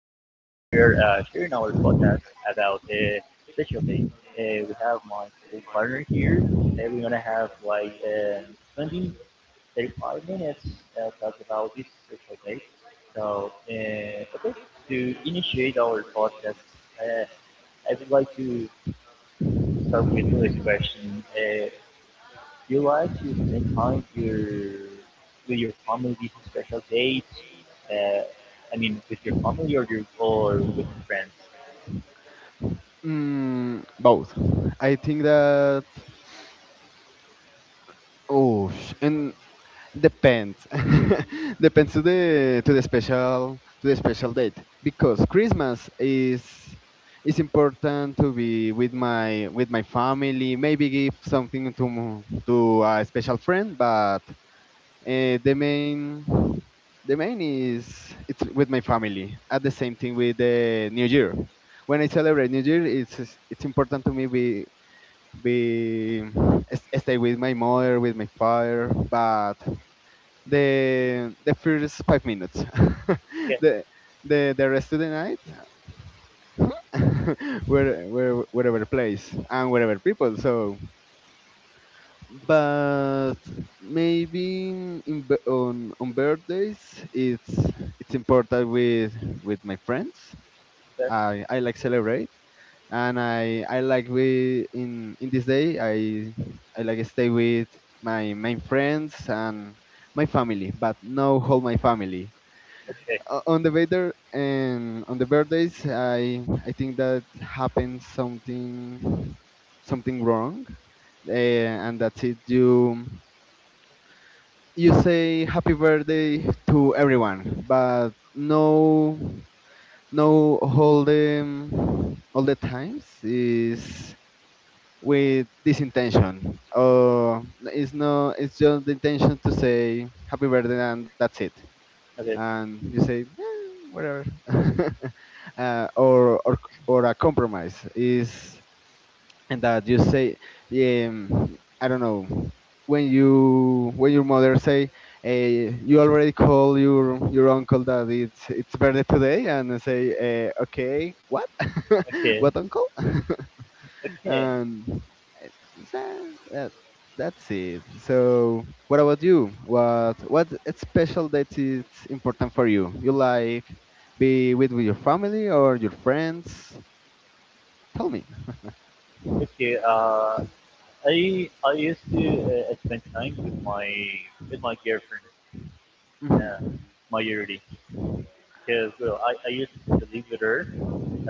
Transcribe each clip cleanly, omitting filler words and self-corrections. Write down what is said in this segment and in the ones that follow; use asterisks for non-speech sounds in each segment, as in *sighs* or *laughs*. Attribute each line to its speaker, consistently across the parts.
Speaker 1: sharing our podcast about a special day. We have my co-partner here. We're gonna have like 20, 35 minutes talk about this special day. So okay, to initiate our podcast, uh, I would like to start with this question. Do You like to spend time your with your family, special dates. Uh, I mean, with your family or your or with your friends.
Speaker 2: Both. I think that. Oh, sh- and depends *laughs* depends to the special date, because christmas is important to be with my family, maybe give something to to a special friend. But uh, the main the main is it's with my family. At the same thing with the new year, when I celebrate new year, it's important to me be stay with my mother, with my father. But the first 5 minutes, *laughs*
Speaker 1: Okay,
Speaker 2: the the rest of the night, *laughs* wherever place and wherever people. But maybe on birthdays, it's important with my friends.
Speaker 1: okay,
Speaker 2: I like celebrate, and I like, we in this day, I like stay with my main friends and my family, but no whole my family.
Speaker 1: okay,
Speaker 2: On the weather and on the birthdays, I think that happened something, something wrong. And that's it. You say happy birthday to everyone, but no, no, all the times is with this intention. It's no, it's just the intention to say happy birthday, and that's it.
Speaker 1: okay,
Speaker 2: And you say, "Eh, whatever," *laughs* or a compromise. Is and that you say, I don't know, when you when your mother say, you already call your uncle that it's birthday today, and say, okay, what? *laughs*
Speaker 1: okay,
Speaker 2: What uncle? *laughs*
Speaker 1: okay,
Speaker 2: And that, that's it. So what about you? What special date is important for you? You like be with your family or your friends? Tell me.
Speaker 1: okay. I used to spend time with my girlfriend, um,
Speaker 2: Mhm.
Speaker 1: majority because well, I used to live with her.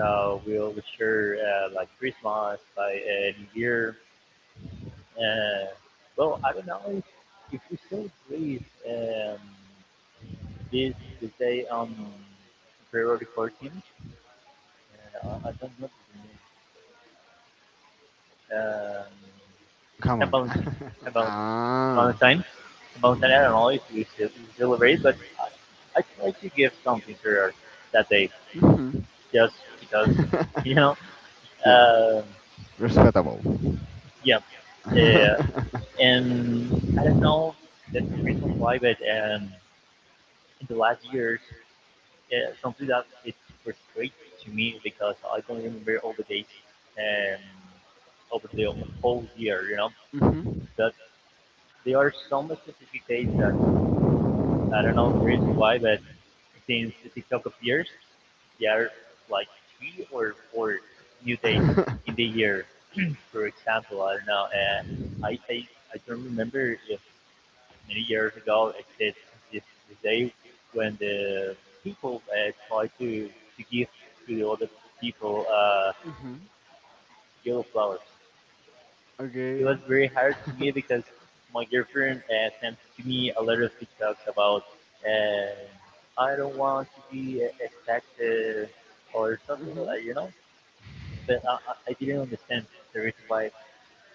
Speaker 1: We'll share like Christmas, like New Year. Uh, well, I don't know if we celebrate um, this the day on February 14th. Uh, I don't know the name.
Speaker 2: Come
Speaker 1: Saint
Speaker 2: on.
Speaker 1: Valentine. Saint
Speaker 2: *laughs*
Speaker 1: Valentine.
Speaker 2: Ah.
Speaker 1: Valentine. Valentine. I don't know if we celebrate, but I try to give something to her that day
Speaker 2: Mhm.
Speaker 1: just because,
Speaker 2: *laughs*
Speaker 1: *laughs* you know,
Speaker 2: Yeah.
Speaker 1: uh,
Speaker 2: Respectable.
Speaker 1: yeah, yeah.
Speaker 2: *laughs*
Speaker 1: And I don't know the reason why, but in the last years, yeah, something that it frustrates to me because I don't remember all the days um, over the whole year.
Speaker 2: Mhm.
Speaker 1: But there are some specific days that I don't know the reason why, but since TikTok appears, there are like three or four new days in
Speaker 2: *laughs*
Speaker 1: the year. For example, I don't know. I, I I don't remember if many years ago except this day when the people try to give to the other people yellow flowers. It
Speaker 2: Okay.
Speaker 1: was very hard to
Speaker 2: *laughs*
Speaker 1: me because my girlfriend sent to me a lot of TikToks about uh, I don't want to be a taxi or something like that. But I didn't understand the reason why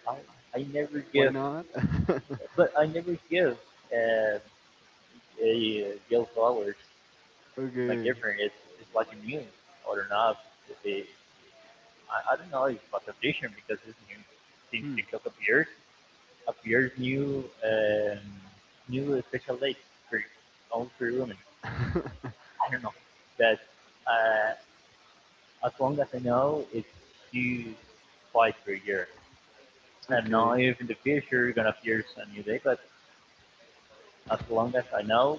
Speaker 1: I I never
Speaker 2: Why
Speaker 1: give,
Speaker 2: not? *laughs*
Speaker 1: but I never give uh, yellow flowers. Like
Speaker 2: Okay.
Speaker 1: different. It's like a news or not. If I don't know if it's like a vision because it's new. Since
Speaker 2: Hmm.
Speaker 1: TikTok appears, appears new new special dates for all for women. I don't know, but uh, as long as I know, it's two twice per year.
Speaker 2: *laughs*
Speaker 1: I don't know
Speaker 2: Okay.
Speaker 1: if in the future it's gonna appear a new day, but as long as I know,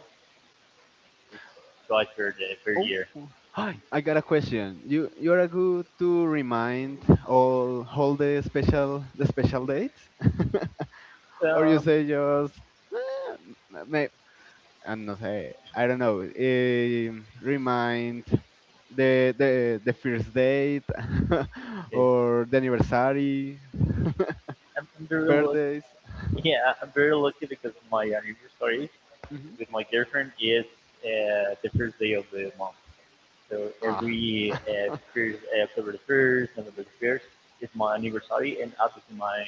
Speaker 1: it's twice per day per year.
Speaker 2: Oh, hi! I got a question. You're a good to remind all the special dates, *laughs* or you
Speaker 1: Um,
Speaker 2: say just, "Ah, may I don't say I don't know. Remind the the the first date, *laughs*
Speaker 1: okay,
Speaker 2: or the anniversary." *laughs*
Speaker 1: I'm very look.
Speaker 2: Birthdays. *laughs*
Speaker 1: Yeah, I'm very lucky because my anniversary
Speaker 2: Mhm.
Speaker 1: with my girlfriend is the first day of the month. So
Speaker 2: Ah.
Speaker 1: every
Speaker 2: *laughs*
Speaker 1: first, October the first, November the first is my anniversary, and obviously my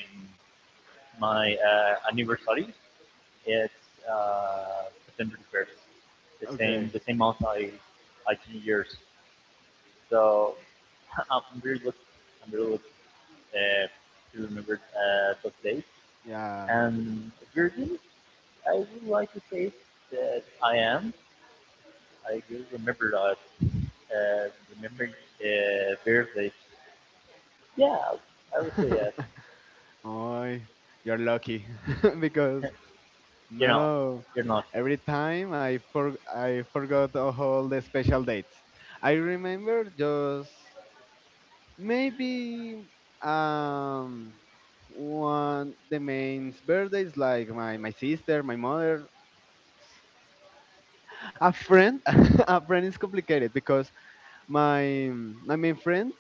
Speaker 1: my anniversary is September the first. The same month I change years. So *laughs* I'm very lucky. I'm very lucky uh, to remember those days.
Speaker 2: Yeah. *laughs*
Speaker 1: And Virgin, I would like to say that I am. I will remember that. Uh, Remember birthday. Yeah,
Speaker 2: To
Speaker 1: I would say yes.
Speaker 2: say, oh, you're lucky *laughs* because,
Speaker 1: You know,
Speaker 2: no,
Speaker 1: you're not.
Speaker 2: every time I for I forgot all the special dates. I remember just maybe um one, the main birthdays, like my sister, my mother, a friend. *laughs* A friend is complicated because my my main friends,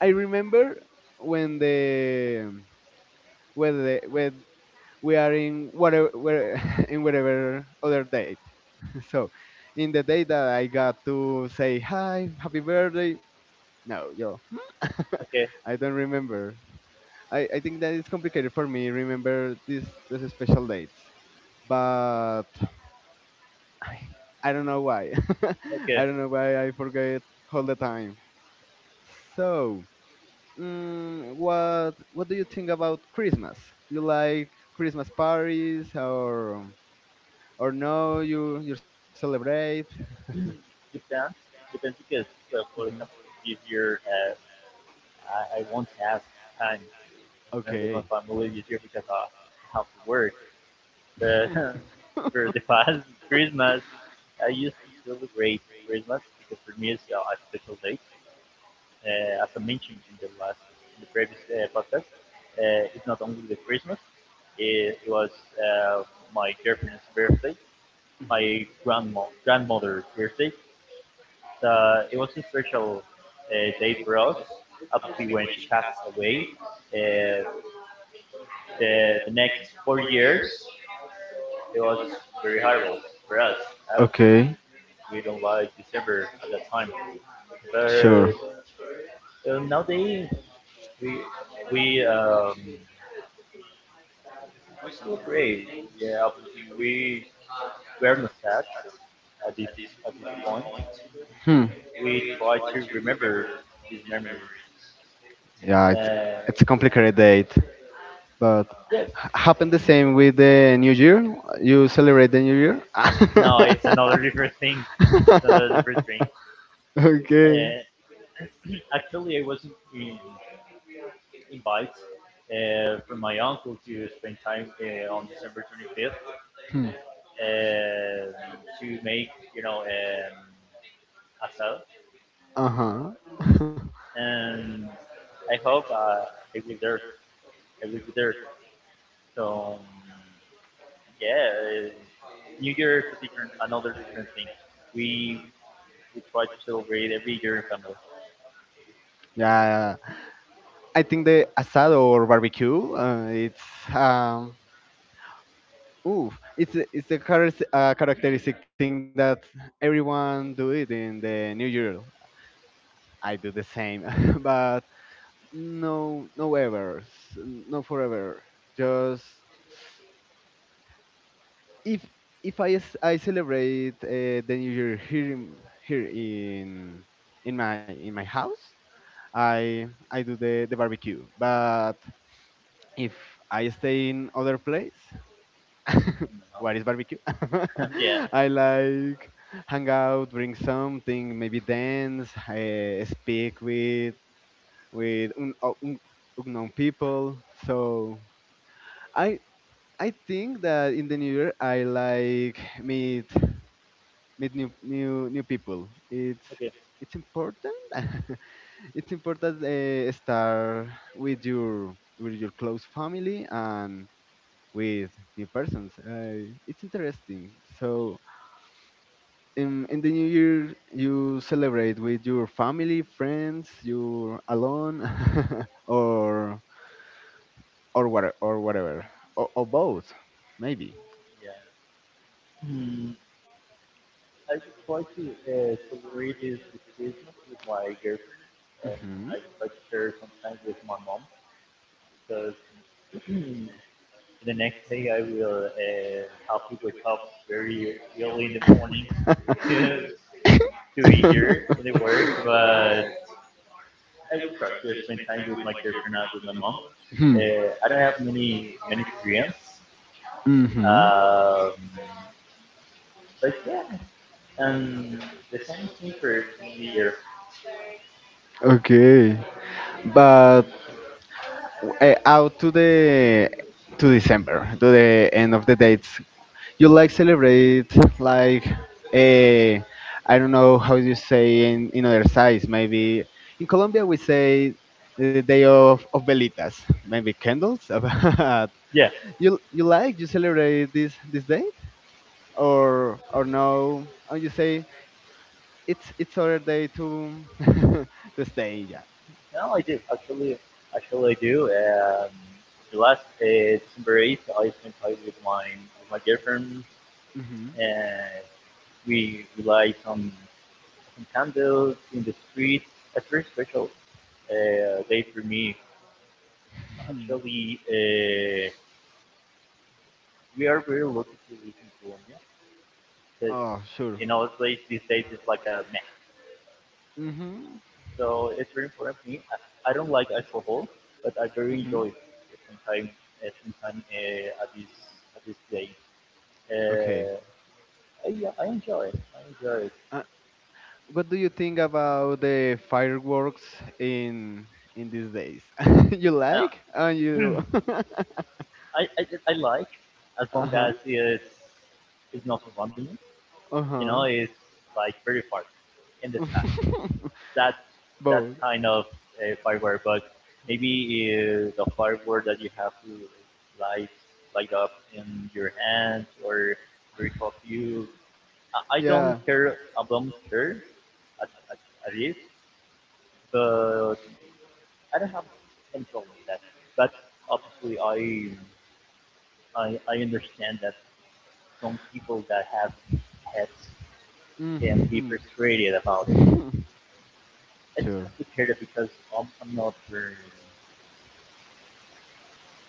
Speaker 2: I remember when the when the when we are in whatever where, *laughs* in whatever other date, *laughs* so in the day that I got to say hi happy birthday, no yo.
Speaker 1: Okay,
Speaker 2: *laughs* I don't remember. I think that it's complicated for me remember these special dates, but i, I don't know why. *laughs* I
Speaker 1: okay.
Speaker 2: don't know why I forget all the time. So, what do you think about christmas? You like christmas parties, or no, you celebrate?
Speaker 1: *clears throat* Depends. Depends because, well, for example, this year I won't have time to spend
Speaker 2: Okay.
Speaker 1: with my family this year because I have to work. But
Speaker 2: *laughs*
Speaker 1: *laughs* for the past Christmas, I used to celebrate Christmas because for me it's a special day. As I mentioned in the last, in the previous podcast, it's not only the Christmas. It was uh, my girlfriend's birthday,
Speaker 2: Mhm.
Speaker 1: my grandma grandmother's birthday. So it was a special day for us. Obviously, when she passed away, uh, the next 4 years it was very horrible for us. Absolutely,
Speaker 2: Okay.
Speaker 1: we don't like December at that time.
Speaker 2: Sure.
Speaker 1: But nowadays, we we um, we celebrate. Yeah, obviously we were not sad at this point.
Speaker 2: Hmm.
Speaker 1: We try to remember this memory.
Speaker 2: Yeah, it's
Speaker 1: Uh,
Speaker 2: it's a complicated date, but
Speaker 1: yes,
Speaker 2: happened the same with the New Year. You celebrate the New Year?
Speaker 1: no,
Speaker 2: *laughs*
Speaker 1: it's another different thing. It's another different thing.
Speaker 2: Okay.
Speaker 1: Uh, *clears throat* actually, I was not in, invited from my uncle to spend time on December 25th.
Speaker 2: Hmm.
Speaker 1: Uh, to make, asado.
Speaker 2: Uh huh.
Speaker 1: And I hope I will there. I will be there. So yeah, New Year is a different, another different thing. We we try to celebrate every year in family.
Speaker 2: *laughs* Yeah, I think the asado, or barbecue. Um. Ooh, it's a characteristic thing that everyone do it in the New Year. I do the same, *laughs* but no, no ever, no forever. Just if I celebrate the New Year here in, here in my house, I do the barbecue. But if I stay in other place, *laughs* what is barbecue? *laughs*
Speaker 1: *laughs* Yeah.
Speaker 2: I like hang out, bring something, maybe dance, speak with unknown people. So I I think that in the new year I like meet, meet new people. It's
Speaker 1: Okay.
Speaker 2: it's important. *laughs* It's important start with your close family and with new persons. It's interesting. So in the new year you celebrate with your family, friends, you're alone, *laughs* or whatever, or both maybe?
Speaker 1: Yeah. Hmm. I would try to celebrate this Christmas with my girlfriend, and
Speaker 2: Hmm.
Speaker 1: I would try to share some time with my mom because *clears throat* the next day I will have to wake up very early in the morning *laughs* to to be here in the work, but I will try to spend time with my girlfriend and with my mom.
Speaker 2: Hmm.
Speaker 1: Uh, I don't have many many friends,
Speaker 2: Mhm.
Speaker 1: um, but yeah, and the same thing for the year.
Speaker 2: Okay, but out to the to December, to the end of the dates, you like celebrate like, I I don't know how you say in other sides. Maybe in Colombia we say the day of velitas, maybe candles. *laughs* But
Speaker 1: Yeah,
Speaker 2: you like you celebrate this this date or no? Or you say it's other day to *laughs* to stay. Yeah.
Speaker 1: no, I do actually. Actually, I do. The last December 8th, I spent time with my girlfriend,
Speaker 2: Mm-hmm.
Speaker 1: and we light some candles in the street. That's very special day for me.
Speaker 2: Hmm.
Speaker 1: Actually, we are very lucky to live in Colombia because
Speaker 2: Oh sure.
Speaker 1: in other place these days it's like a mess.
Speaker 2: Mhm.
Speaker 1: So it's very important for me. I don't like alcohol, but I very
Speaker 2: Mhm.
Speaker 1: enjoy it sometimes. Sometime, at this day,
Speaker 2: Okay.
Speaker 1: uh, yeah, I enjoy it. I enjoy it.
Speaker 2: Uh, what do you think about the fireworks in these days? *laughs* You
Speaker 1: Uh,
Speaker 2: like? And you. *laughs*
Speaker 1: I like as
Speaker 2: Uh
Speaker 1: long
Speaker 2: huh.
Speaker 1: as it's not surrounding me. You know,
Speaker 2: Uh
Speaker 1: it's like very far in the sky.
Speaker 2: huh. *laughs*
Speaker 1: that that kind of firework, but maybe the firework that you have to light light up in your hands or very of you. I don't care. I don't care at, at, at least, but I don't have any problem with that. But obviously, I understand that some people that have pets can be frustrated about it. It's
Speaker 2: *laughs*
Speaker 1: complicated because I'm not very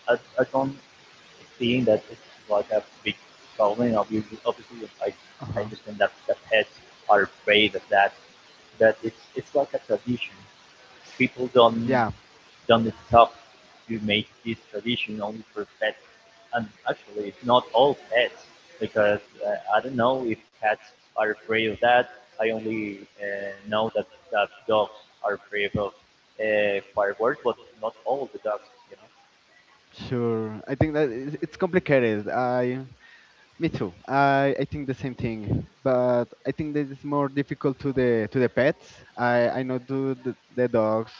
Speaker 1: I, I don't seeing that it's like a big problem. Obviously, obviously I, I understand that the pets are afraid of that, but it's like a tradition. People don't stop to make this tradition only for pets, and actually, it's not all pets because I don't know if cats are afraid of that. I only know that dogs are afraid of fireworks, but not all the dogs, you know.
Speaker 2: Sure. I think that it's complicated. I Me too. I think the same thing, but I think that it's more difficult to the pets. I know to the dogs,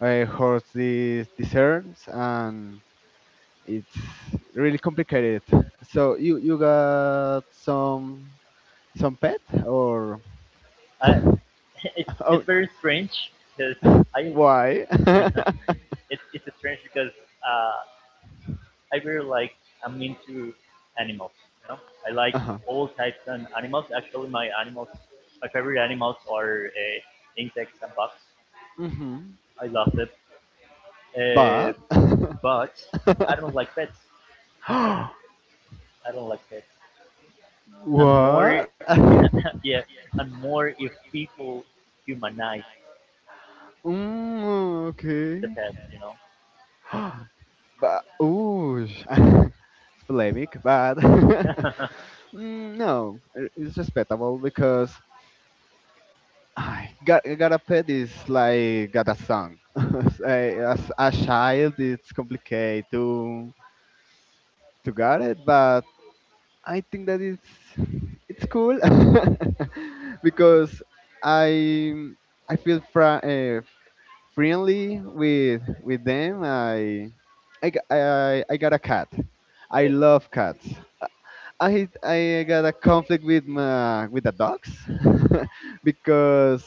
Speaker 2: horses, deserts, and it's really complicated. So you got some pet, or?
Speaker 1: I, *laughs* it's
Speaker 2: *laughs* Oh,
Speaker 1: it's very strange because I
Speaker 2: why?
Speaker 1: *laughs*
Speaker 2: *laughs*
Speaker 1: it's strange because uh, I really like I'm into animals. You know, I like
Speaker 2: Uh-huh.
Speaker 1: all types of animals. Actually, my animals, my favorite animals are insects and bugs.
Speaker 2: Mm-hmm.
Speaker 1: I love them, uh,
Speaker 2: But *laughs*
Speaker 1: but I don't like pets. I don't like pets, and more
Speaker 2: what? *laughs*
Speaker 1: *laughs* yeah, and more if people humanize the
Speaker 2: Okay.
Speaker 1: pets. You know.
Speaker 2: *gasps* But ooh, *laughs* it's polemic, but *laughs*
Speaker 1: *laughs* Okay,
Speaker 2: no, it's respectable, because I got a pet is like got a son. *laughs* As a child, it's complicated to get it, but I think that it's cool *laughs* because I I feel friendly with them. I I got a cat. I love cats. I got a conflict with my with the dogs *laughs* because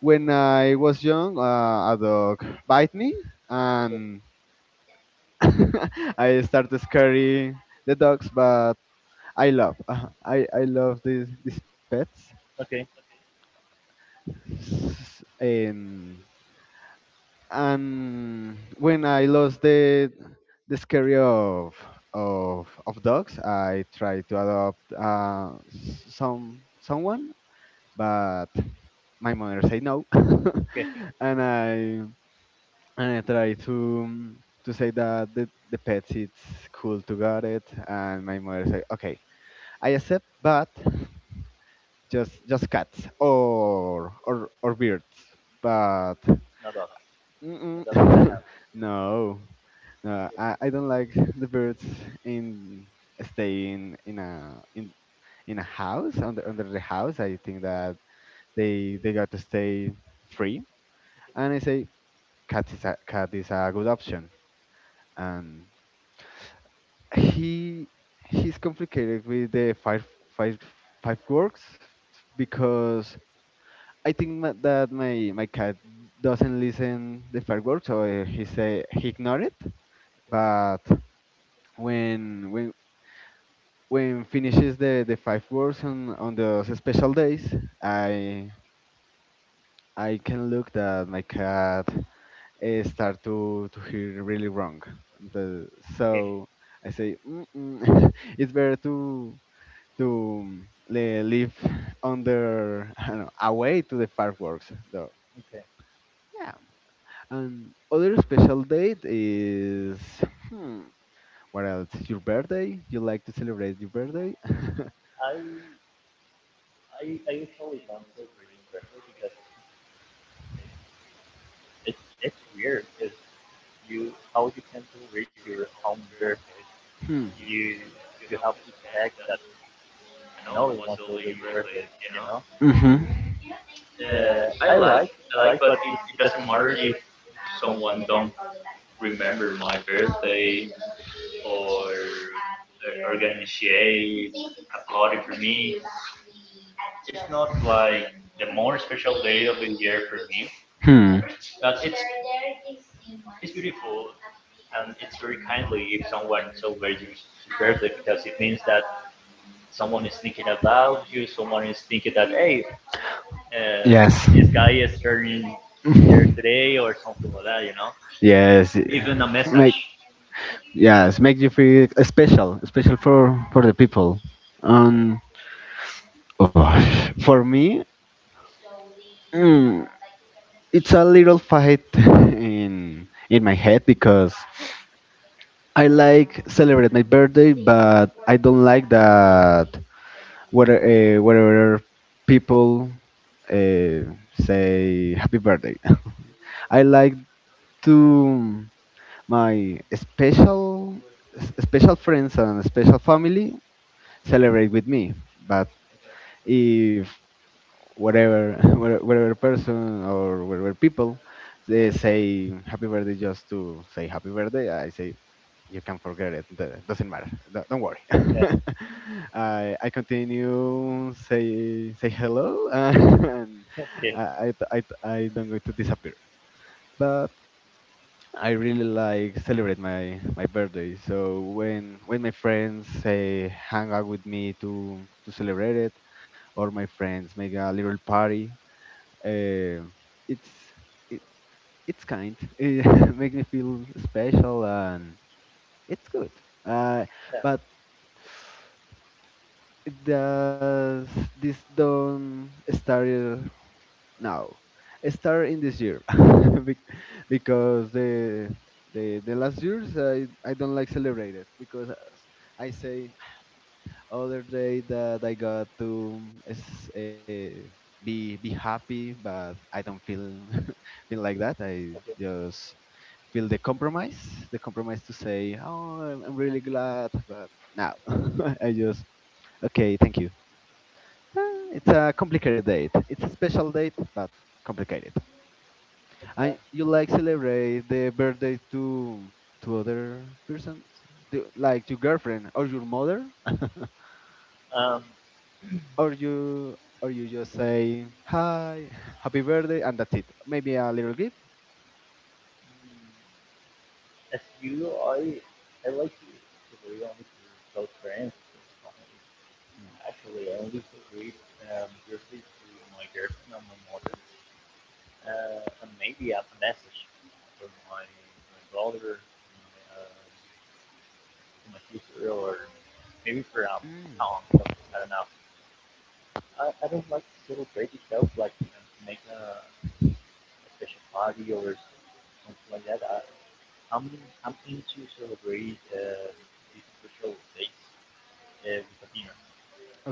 Speaker 2: when I was young, a dog bite me,
Speaker 1: okay,
Speaker 2: and *laughs* I started scary the dogs. But I love, *laughs* I love these pets.
Speaker 1: okay,
Speaker 2: S- And and when I lost the scary of dogs, I tried to adopt some someone, but my mother said no, *laughs*
Speaker 1: okay.
Speaker 2: and I and I try to say that the pets it's cool to got it, and my mother say okay, I accept, but just cats or birds. But
Speaker 1: No dogs, no
Speaker 2: mm-mm,
Speaker 1: dogs in the house.
Speaker 2: *laughs* no, no,
Speaker 1: Yes.
Speaker 2: I, I don't like the birds in staying in a in in a house under under the house. I think that they got to stay free. And I say cat is, a cat is a good option. And he he's complicated with the five works, because I think that my cat doesn't listen the fireworks, so he say he ignore it. But when when when finishes the five works on those special days, I I can look that my cat start to hear really wrong. The,
Speaker 1: Okay,
Speaker 2: so I say *laughs* it's better to live *laughs* under I don't know, away to the fireworks though.
Speaker 1: okay.
Speaker 2: Yeah. And other special date is hmm, what else? Your birthday? You like to celebrate your birthday? *laughs*
Speaker 1: I I usually don't feel radio because it, it's weird because you how you can do radio on birthday.
Speaker 2: Hmm.
Speaker 1: You you have this fact that I know it wants to be your birthday.
Speaker 2: Hmm.
Speaker 1: Uh, I like but it doesn't matter if someone don't remember my birthday or organize a party for me. It's not like the more special day of the year for me,
Speaker 2: Hmm.
Speaker 1: but it's beautiful and it's very kindly if someone celebrates his birthday because it means that someone is thinking about you, someone is thinking that hey, uh,
Speaker 2: Yes.
Speaker 1: this
Speaker 2: *laughs*
Speaker 1: guy is turning year today or something like that.
Speaker 2: Yes.
Speaker 1: Even a
Speaker 2: Make,
Speaker 1: message.
Speaker 2: yes, make you feel special, special for the people. Um, oh, for me, hmm, it's a little fight *laughs* in my head, because I like celebrate my birthday, but I don't like that whether whether people uh, say happy birthday. *laughs* I like to my special special friends and special family celebrate with me, but if whatever *laughs* whatever person or whatever people, they say happy birthday just to say happy birthday, I say, you can forget it. Doesn't matter. Don't worry.
Speaker 1: Okay.
Speaker 2: *laughs* I continue say, say hello, *laughs* and
Speaker 1: Okay.
Speaker 2: I don't going to disappear. But I really like celebrate my my birthday. So when my friends say hang out with me to celebrate it, or my friends make a little party, uh, it's it, it's kind. *laughs* It makes me feel special, and it's good. Uh,
Speaker 1: Yeah.
Speaker 2: but it does this don't start now? It start in this year. *laughs* Bec- because the the last years I don't like celebrate it, because as I say, other day that I got to is, be happy, but I don't feel *laughs* feel like that. I
Speaker 1: Okay.
Speaker 2: just feel the compromise to say, "Oh, I'm really glad," but now *laughs* I just okay, thank you. So, it's a complicated date. It's a special date, but complicated.
Speaker 1: Okay.
Speaker 2: And you like celebrate the birthday to other persons, like your girlfriend or your mother,
Speaker 1: Um,
Speaker 2: or you just say hi, happy birthday, and that's it. Maybe a little gift.
Speaker 1: as you, I like to be only to close friends.
Speaker 2: Mm.
Speaker 1: Actually, I only read briefly to my girlfriend and my mother, and maybe as a message for my brother, for my sister, or maybe for
Speaker 2: Mm.
Speaker 1: uncle. I don't know. I don't like to celebrate itself, like you know, to make a special party or something like that. I'm I'm into celebrate these special dates with a dinner.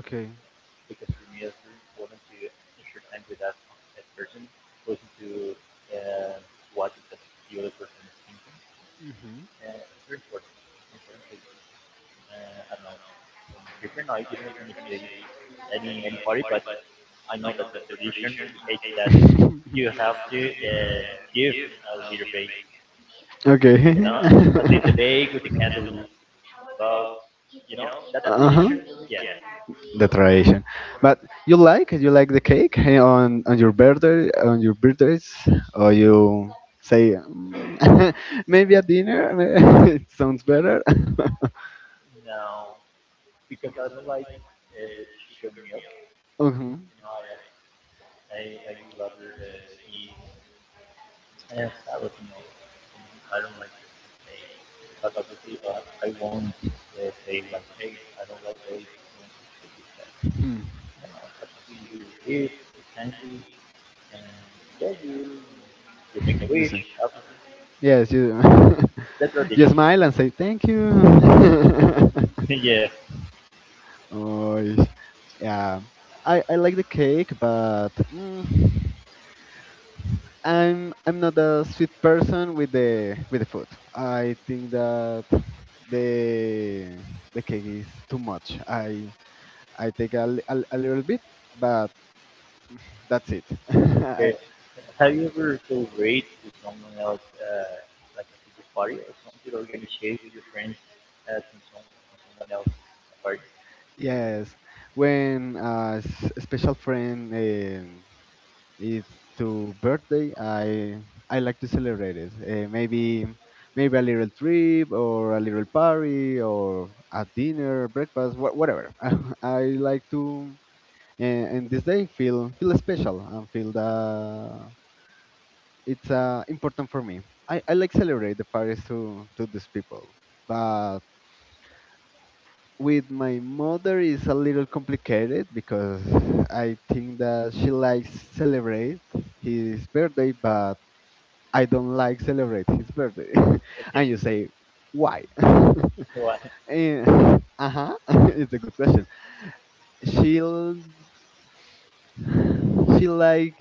Speaker 2: Okay.
Speaker 1: Because for me, it's very important to share time with that person, listen to uh, what the other person is thinking.
Speaker 2: Mhm.
Speaker 1: It's very important. Important to, I don't know. From different, I didn't finish any party, but I know that the tradition indicates that you have to give a little bit,
Speaker 2: *laughs*
Speaker 1: you
Speaker 2: Okay.
Speaker 1: know, a little bit with the
Speaker 2: *laughs*
Speaker 1: candle above, you know, that
Speaker 2: Uh huh.
Speaker 1: tradition. Yeah.
Speaker 2: The tradition, but you like the cake, eh, on your birthday, on your birthdays, or you say, "Mm, *laughs* maybe a dinner. *laughs* It sounds better." *laughs*
Speaker 1: Now, because I don't like sugar meal.
Speaker 2: Mhm.
Speaker 1: You know, I would rather eat salad meal. You know, I don't like egg because obviously I won't say like egg. I don't like egg.
Speaker 2: Hmm.
Speaker 1: You know, obviously you're a kid, you're hungry, and yeah, you make a
Speaker 2: *laughs* Listen.
Speaker 1: wish. Obviously,
Speaker 2: Yes, you *laughs*
Speaker 1: that's
Speaker 2: you
Speaker 1: tradition.
Speaker 2: smile and say thank you. *laughs*
Speaker 1: *laughs* yeah.
Speaker 2: Oh, ish. Yeah. I like the cake, but I'm not a sweet person with the food. I think that the the cake is too much. I take a little bit, but that's it. *laughs*
Speaker 1: Okay. Have you ever celebrated with someone else, like a pizza party or something, or get shared with your friends uh, to, to someone else party?
Speaker 2: Yes, when special friend, it's to birthday I like to celebrate it, maybe a little trip or a little party or a dinner breakfast whatever. *laughs* I like to, and this day feel special and feel that it's important for me. I like celebrate the parties to these people, but with my mother is a little complicated because I think that she likes celebrate his birthday, but I don't like celebrate his birthday. *laughs*
Speaker 1: Okay.
Speaker 2: And
Speaker 1: *laughs*
Speaker 2: you say, why? *laughs*
Speaker 1: What?
Speaker 2: Huh. *laughs* It's a good question. She'll she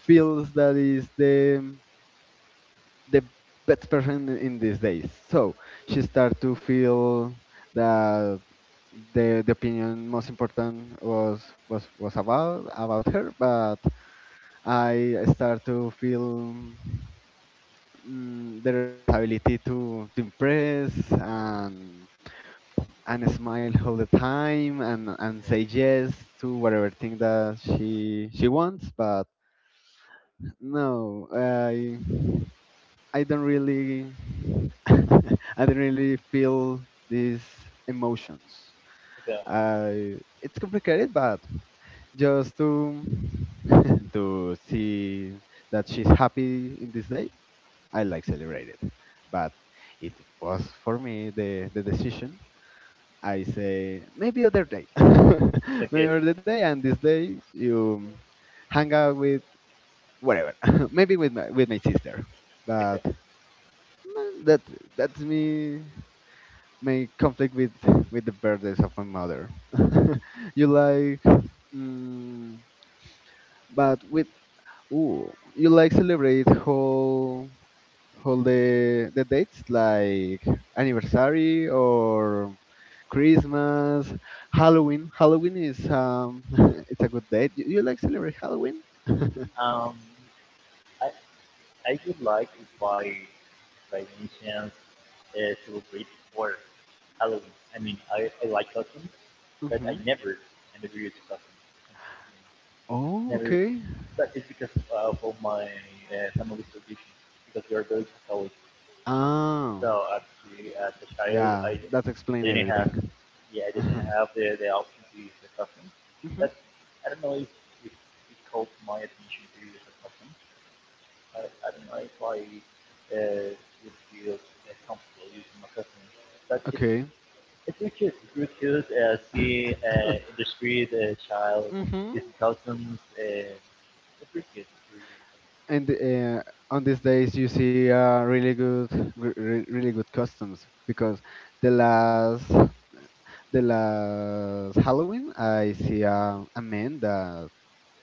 Speaker 2: feels that is the best person in these days. So she start to feel that the opinion most important was about her. But I start to feel, the responsibility to impress, and smile all the time, and
Speaker 1: Okay.
Speaker 2: say yes to whatever thing that she wants, but no, I don't really *laughs* I don't really feel these emotions.
Speaker 1: Okay.
Speaker 2: I It's complicated, but just to *laughs* to see that she's happy in this day, I like celebrate it. But it was for me the decision. I say maybe other day, *laughs* maybe
Speaker 1: Okay.
Speaker 2: other day, and this day you hang out with whatever, *laughs* maybe with my sister.
Speaker 1: Okay.
Speaker 2: But mm, that that's me, my conflict with the birthdays of my mother. *laughs* You like, mm, but with, ooh, you like celebrate whole all the dates, like anniversary or Christmas, Halloween. Halloween is *laughs* it's a good date. You like celebrate Halloween? *laughs* Hmm.
Speaker 1: Um, I I would like if I by any chance celebrate before Halloween. I mean, I like costumes, but I never use costumes.
Speaker 2: Oh,
Speaker 1: Never,
Speaker 2: okay.
Speaker 1: but it's because of all my family's tradition, because we are very Catholic.
Speaker 2: Ah,
Speaker 1: So actually, as a child,
Speaker 2: yeah,
Speaker 1: I
Speaker 2: that explains
Speaker 1: didn't have,
Speaker 2: everything.
Speaker 1: yeah, I didn't
Speaker 2: *laughs*
Speaker 1: have the option to use the custom.
Speaker 2: Mhm.
Speaker 1: That's, I don't know if it called my attention to use a custom. I don't know if I would feel comfortable using my custom, but
Speaker 2: Okay.
Speaker 1: it's really cute. It's really cute. See in the
Speaker 2: *laughs*
Speaker 1: street, a child
Speaker 2: Mm-hmm.
Speaker 1: using customs.
Speaker 2: And on these days, you see really good, really good customs, because the last, the last Halloween, I see a man that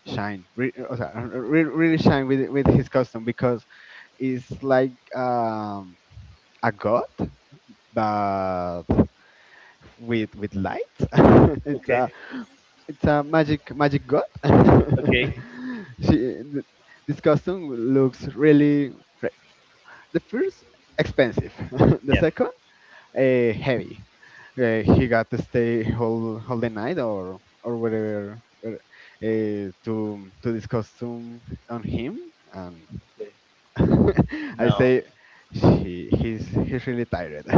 Speaker 2: shine, o sea, really shine with his custom, because it's like a god, but with light. *laughs* it's
Speaker 1: Okay.
Speaker 2: a it's a magic god. *laughs*
Speaker 1: Okay.
Speaker 2: she th- this costume looks really, re- the first, expensive, *laughs* the
Speaker 1: Yes.
Speaker 2: second, heavy. He got to stay whole the night, or whatever, to this costume on him, and.
Speaker 1: Okay.
Speaker 2: *laughs* I
Speaker 1: No.
Speaker 2: say, she he's really tired. *laughs*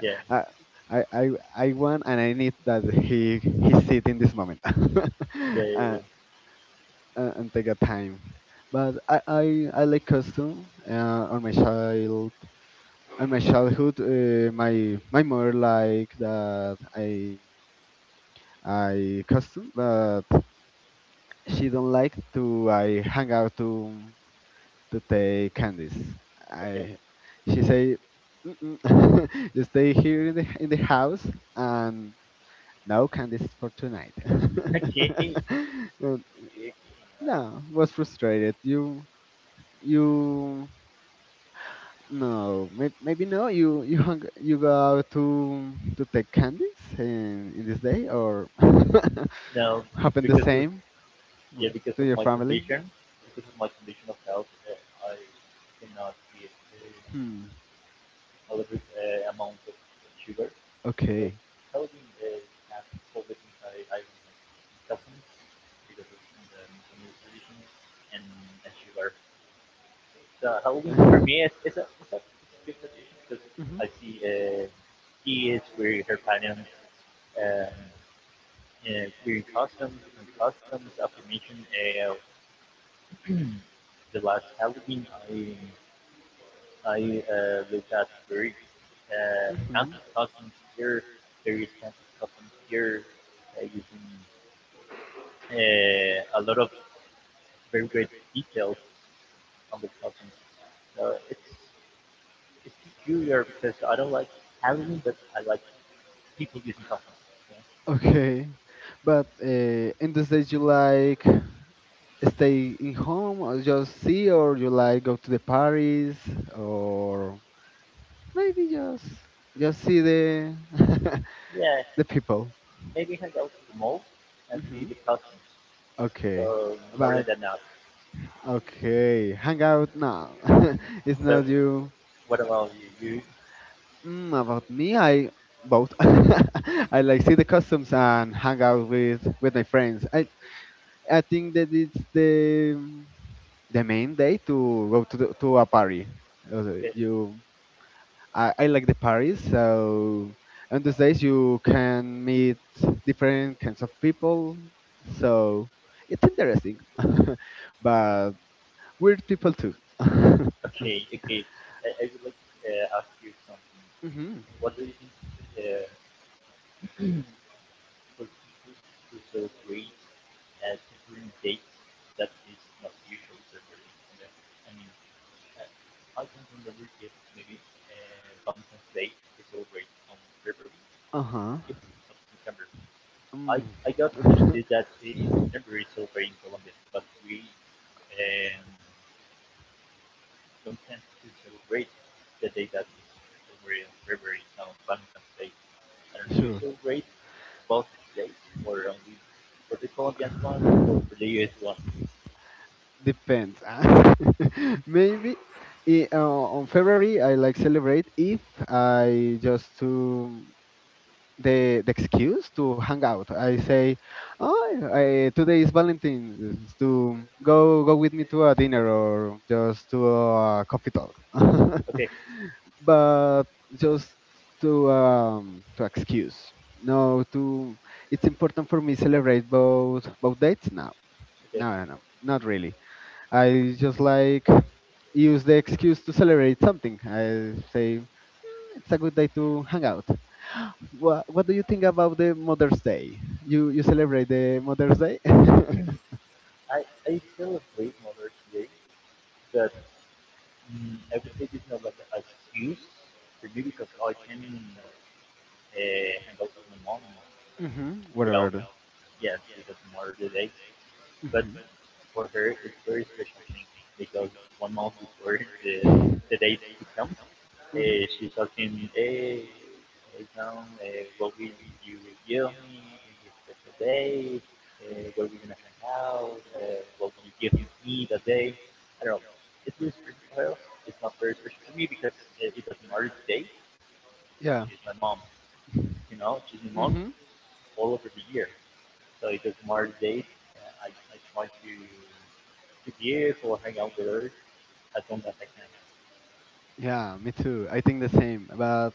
Speaker 1: Yeah,
Speaker 2: I, I I I want, and I need that he sit in this moment. *laughs* uh,
Speaker 1: yeah, yeah. Okay, yeah.
Speaker 2: uh, and take a time. But I like costume, on my childhood. My mother like that I costume, but she don't like to I hang out to take candies.
Speaker 1: Okay.
Speaker 2: I She say, mm-mm. *laughs* You stay here in the house, and no candies for tonight.
Speaker 1: *laughs* Okay.
Speaker 2: *laughs* Uh,
Speaker 1: Okay. Uh,
Speaker 2: no, was frustrated. You no maybe no. You you go out to take candies in this day, or
Speaker 1: no,
Speaker 2: *laughs* happen the
Speaker 1: because of
Speaker 2: same
Speaker 1: yeah, because
Speaker 2: to
Speaker 1: of
Speaker 2: your
Speaker 1: my
Speaker 2: family.
Speaker 1: condition, because of my condition of health, I cannot eat um,
Speaker 2: Hmm.
Speaker 1: a little amount of sugar. So
Speaker 2: Okay.
Speaker 1: Kelvin has COVID inside. I don't have caffeine because of the condition and sugar. The Halloween for
Speaker 2: Mhm.
Speaker 1: me is a it's a, it's a good tradition because I see kids wearing her parents um, wearing costumes, different costumes. After mentioned uh, the last Halloween, I looked at very
Speaker 2: Mhm.
Speaker 1: expensive costumes here, very expensive costumes here, using a lot of very great details on the costumes. So it's peculiar because I don't like Halloween, but I like people using customs. Okay?
Speaker 2: Okay, but in the days you like stay in home, or just see, or you like go to the Paris, or maybe just see the *laughs*
Speaker 1: Yeah,
Speaker 2: the people.
Speaker 1: maybe you can go to the mall and see
Speaker 2: Mhm.
Speaker 1: the customs.
Speaker 2: Okay,
Speaker 1: So more than
Speaker 2: but.
Speaker 1: that now.
Speaker 2: Okay, hang out now. *laughs*
Speaker 1: Yeah.
Speaker 2: It's
Speaker 1: But
Speaker 2: not you.
Speaker 1: what about you? You
Speaker 2: About me, I both. *laughs* I like
Speaker 1: okay?
Speaker 2: see the customs and hang out with my friends. I think that it's the main day to go to to a party. Also,
Speaker 1: Okay,
Speaker 2: I like the parties. So on those days you can meet different kinds of people. So it's interesting, *laughs* but weird people too.
Speaker 1: okay, okay. I would like to ask you something.
Speaker 2: *laughs* Mhm.
Speaker 1: What do you think uh, for people to celebrate a different date that is not usually celebrated? I mean, I Items on the maybe, menu Valentine's Day we celebrate on February,
Speaker 2: Uh-huh.
Speaker 1: it's on September.
Speaker 2: Mm.
Speaker 1: I got understood that in
Speaker 2: *laughs*
Speaker 1: September we celebrate in Colombia, but we um, don't tend to celebrate the day that is celebrated on February on Valentine's Day. I don't know, you
Speaker 2: Sure.
Speaker 1: celebrate both days or only for the Colombian one or for the US one?
Speaker 2: Depends, ah. *laughs* Maybe, on February I like celebrate, if I just to the excuse to hang out. I say, oh, today is Valentine's. To go with me to a dinner, or just to a coffee talk,
Speaker 1: Okay,
Speaker 2: *laughs* but just to excuse. No, to it's important for me celebrate both dates. No,
Speaker 1: okay.
Speaker 2: no, no, no, not really. I just like use the excuse to celebrate something. I say, "Mm, it's a good day to hang out. What do you think about the Mother's Day? You celebrate the Mother's Day? *laughs*
Speaker 1: I celebrate Mother's Day, but mm, I would say this is like an excuse for me because I can hang out with my mom
Speaker 2: Hmm.
Speaker 1: without,
Speaker 2: Whatever.
Speaker 1: yes, it doesn't matter the day. But
Speaker 2: Mhm.
Speaker 1: for her, it's very special thing because 1 month before *laughs* the date to come. Eh, she's asking, hey, hey Tom, eh, what will you give
Speaker 2: Mhm.
Speaker 1: me in your special day?
Speaker 2: *laughs*
Speaker 1: Where are we gonna hang out? What will you give me that day? I don't know. It's really special for her. It's not very special for me because it doesn't matter the day.
Speaker 2: not Yeah.
Speaker 1: She's my mom. You know, she's my
Speaker 2: *laughs*
Speaker 1: mom
Speaker 2: Mm-hmm.
Speaker 1: all over the year. So it doesn't matter the date. Uh, I, I try to give or hang out with her as long as I can.
Speaker 2: Yeah, me too. I think the same. But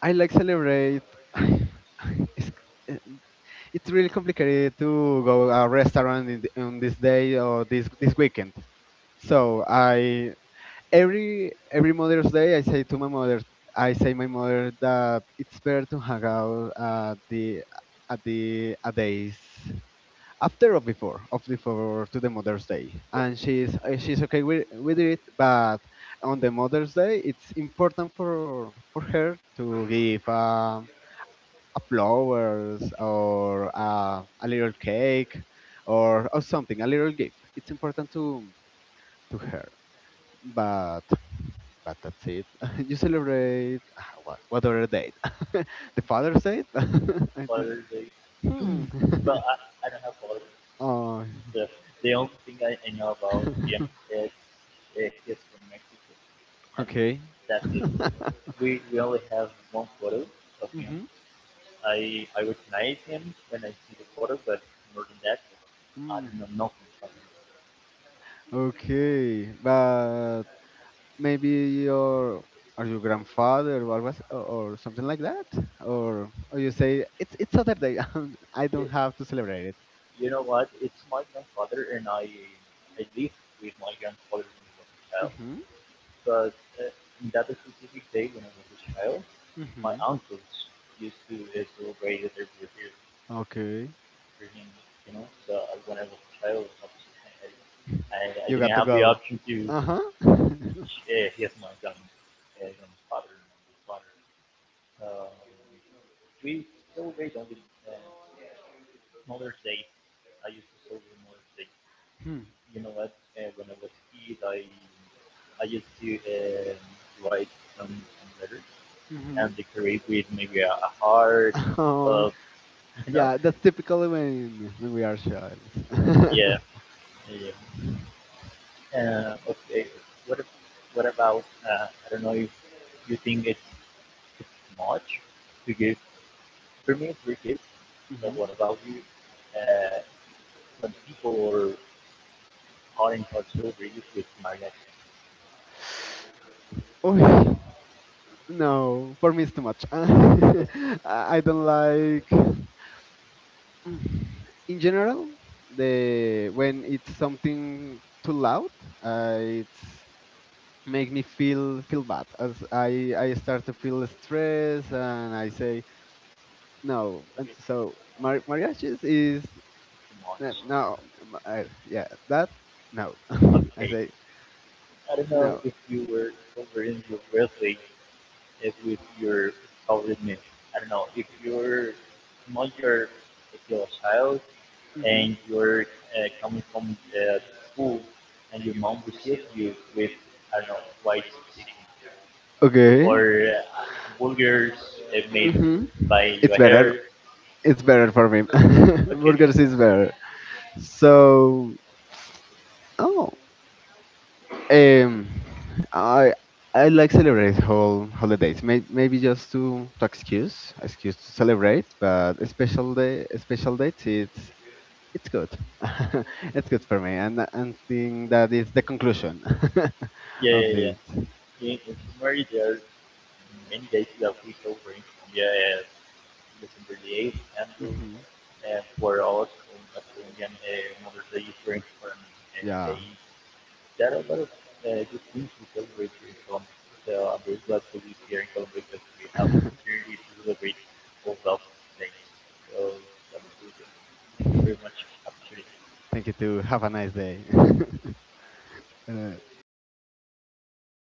Speaker 2: I like celebrate. *laughs* *sighs* it's, it's really complicated to go a restaurant, on this day or this weekend. So I every Mother's Day, I say to my mother, I say my mother that it's better to hang out at days after or before of before to the Mother's Day,
Speaker 1: Yep.
Speaker 2: and she's okay with it. But on the Mother's Day, it's important for her to give. A flowers,
Speaker 1: Okay.
Speaker 2: or a little cake, or something, a little gift, it's important to her, but that's it. *laughs* You celebrate, what other date? *laughs* The
Speaker 1: Okay.
Speaker 2: Father's Day? *laughs* I think.
Speaker 1: Father they
Speaker 2: Hmm.
Speaker 1: *clears throat* well, I don't
Speaker 2: *laughs*
Speaker 1: have father
Speaker 2: Oh.
Speaker 1: *laughs*
Speaker 2: *laughs*
Speaker 1: so the only thing I know about him is he's from Mexico and
Speaker 2: Okay. *laughs*
Speaker 1: that's it. We only have one photo of him.
Speaker 2: Mhm.
Speaker 1: I recognize him when I see the photo, but more than that I
Speaker 2: Mm.
Speaker 1: don't know nothing about him.
Speaker 2: Okay, but maybe your or your grandfather, or was, or something like that, or you say it's Saturday. *laughs* I
Speaker 1: you,
Speaker 2: don't have to, celebrate it.
Speaker 1: you know what, it's my grandfather, and I lived with my grandfather when I was a child.
Speaker 2: Mhm.
Speaker 1: But uh, in that specific day when I was a child, my
Speaker 2: Mhm.
Speaker 1: uncles used to celebrate their birthday
Speaker 2: Okay.
Speaker 1: for him, you know. So when I was a child, obviously,
Speaker 2: *laughs*
Speaker 1: I
Speaker 2: You
Speaker 1: didn't
Speaker 2: got to
Speaker 1: have the
Speaker 2: go.
Speaker 1: option to.
Speaker 2: Uh-huh.
Speaker 1: He has my young, young father, my father. Um, we celebrate only um, Mother's Day. I used to celebrate Mother's Day.
Speaker 2: *laughs*
Speaker 1: You know what? When I was a kid, I used to write some letters
Speaker 2: Hmm.
Speaker 1: and
Speaker 2: *laughs*
Speaker 1: decorate with maybe a heart
Speaker 2: Oh,
Speaker 1: of *laughs* you know,
Speaker 2: yeah, that's typically when we are childs. *laughs*
Speaker 1: yeah, yeah. Okay, what if, what about I don't know if you think it's much to give. For me it's three kids, so
Speaker 2: Hmm.
Speaker 1: what about you uh, when people are in calling for children with marriage.
Speaker 2: Oh, no, for me it's too much. *laughs* I
Speaker 1: Okay,
Speaker 2: I don't like. In general, the when it's something too loud, it's make me feel bad, as I start to feel stress and I say no. And
Speaker 1: okay, it's
Speaker 2: so mariachis is,
Speaker 1: too much.
Speaker 2: no. Yeah, that, no. *laughs* I
Speaker 1: Okay,
Speaker 2: say
Speaker 1: I don't know
Speaker 2: no.
Speaker 1: if you were over in your birthday it with your powdered milk. I don't know if you're not your if you're a child
Speaker 2: Mhm.
Speaker 1: and you're coming from school and your mom receives you with, I don't know, white chicken
Speaker 2: Okay.
Speaker 1: or burgers made
Speaker 2: Mhm.
Speaker 1: by your
Speaker 2: it's better
Speaker 1: hair.
Speaker 2: it's better for me. *laughs*
Speaker 1: Okay,
Speaker 2: Burgers is better, so. Oh. Um, I I like celebrate whole holidays. Maybe just to excuse to celebrate, but a special date, it's good. *laughs* It's good for me, and and think that is the conclusion *laughs*
Speaker 1: yeah,
Speaker 2: of
Speaker 1: yeah, yeah.
Speaker 2: this.
Speaker 1: In summary, there are many guys that we saw over in Colombia. December 8th, Andrews
Speaker 2: Mhm.
Speaker 1: eh, fue otra Colombian eh, Mother's Day drink from eh, the
Speaker 2: Yeah.
Speaker 1: East. There are a lot of eh, good things we celebrate here in Colombia. So I'm very glad to be here in Colombia because we have the opportunity to celebrate all those things. So that was really good. Thank you very much. Appreciate it.
Speaker 2: Thank you too. Have a nice day. *laughs* Bueno,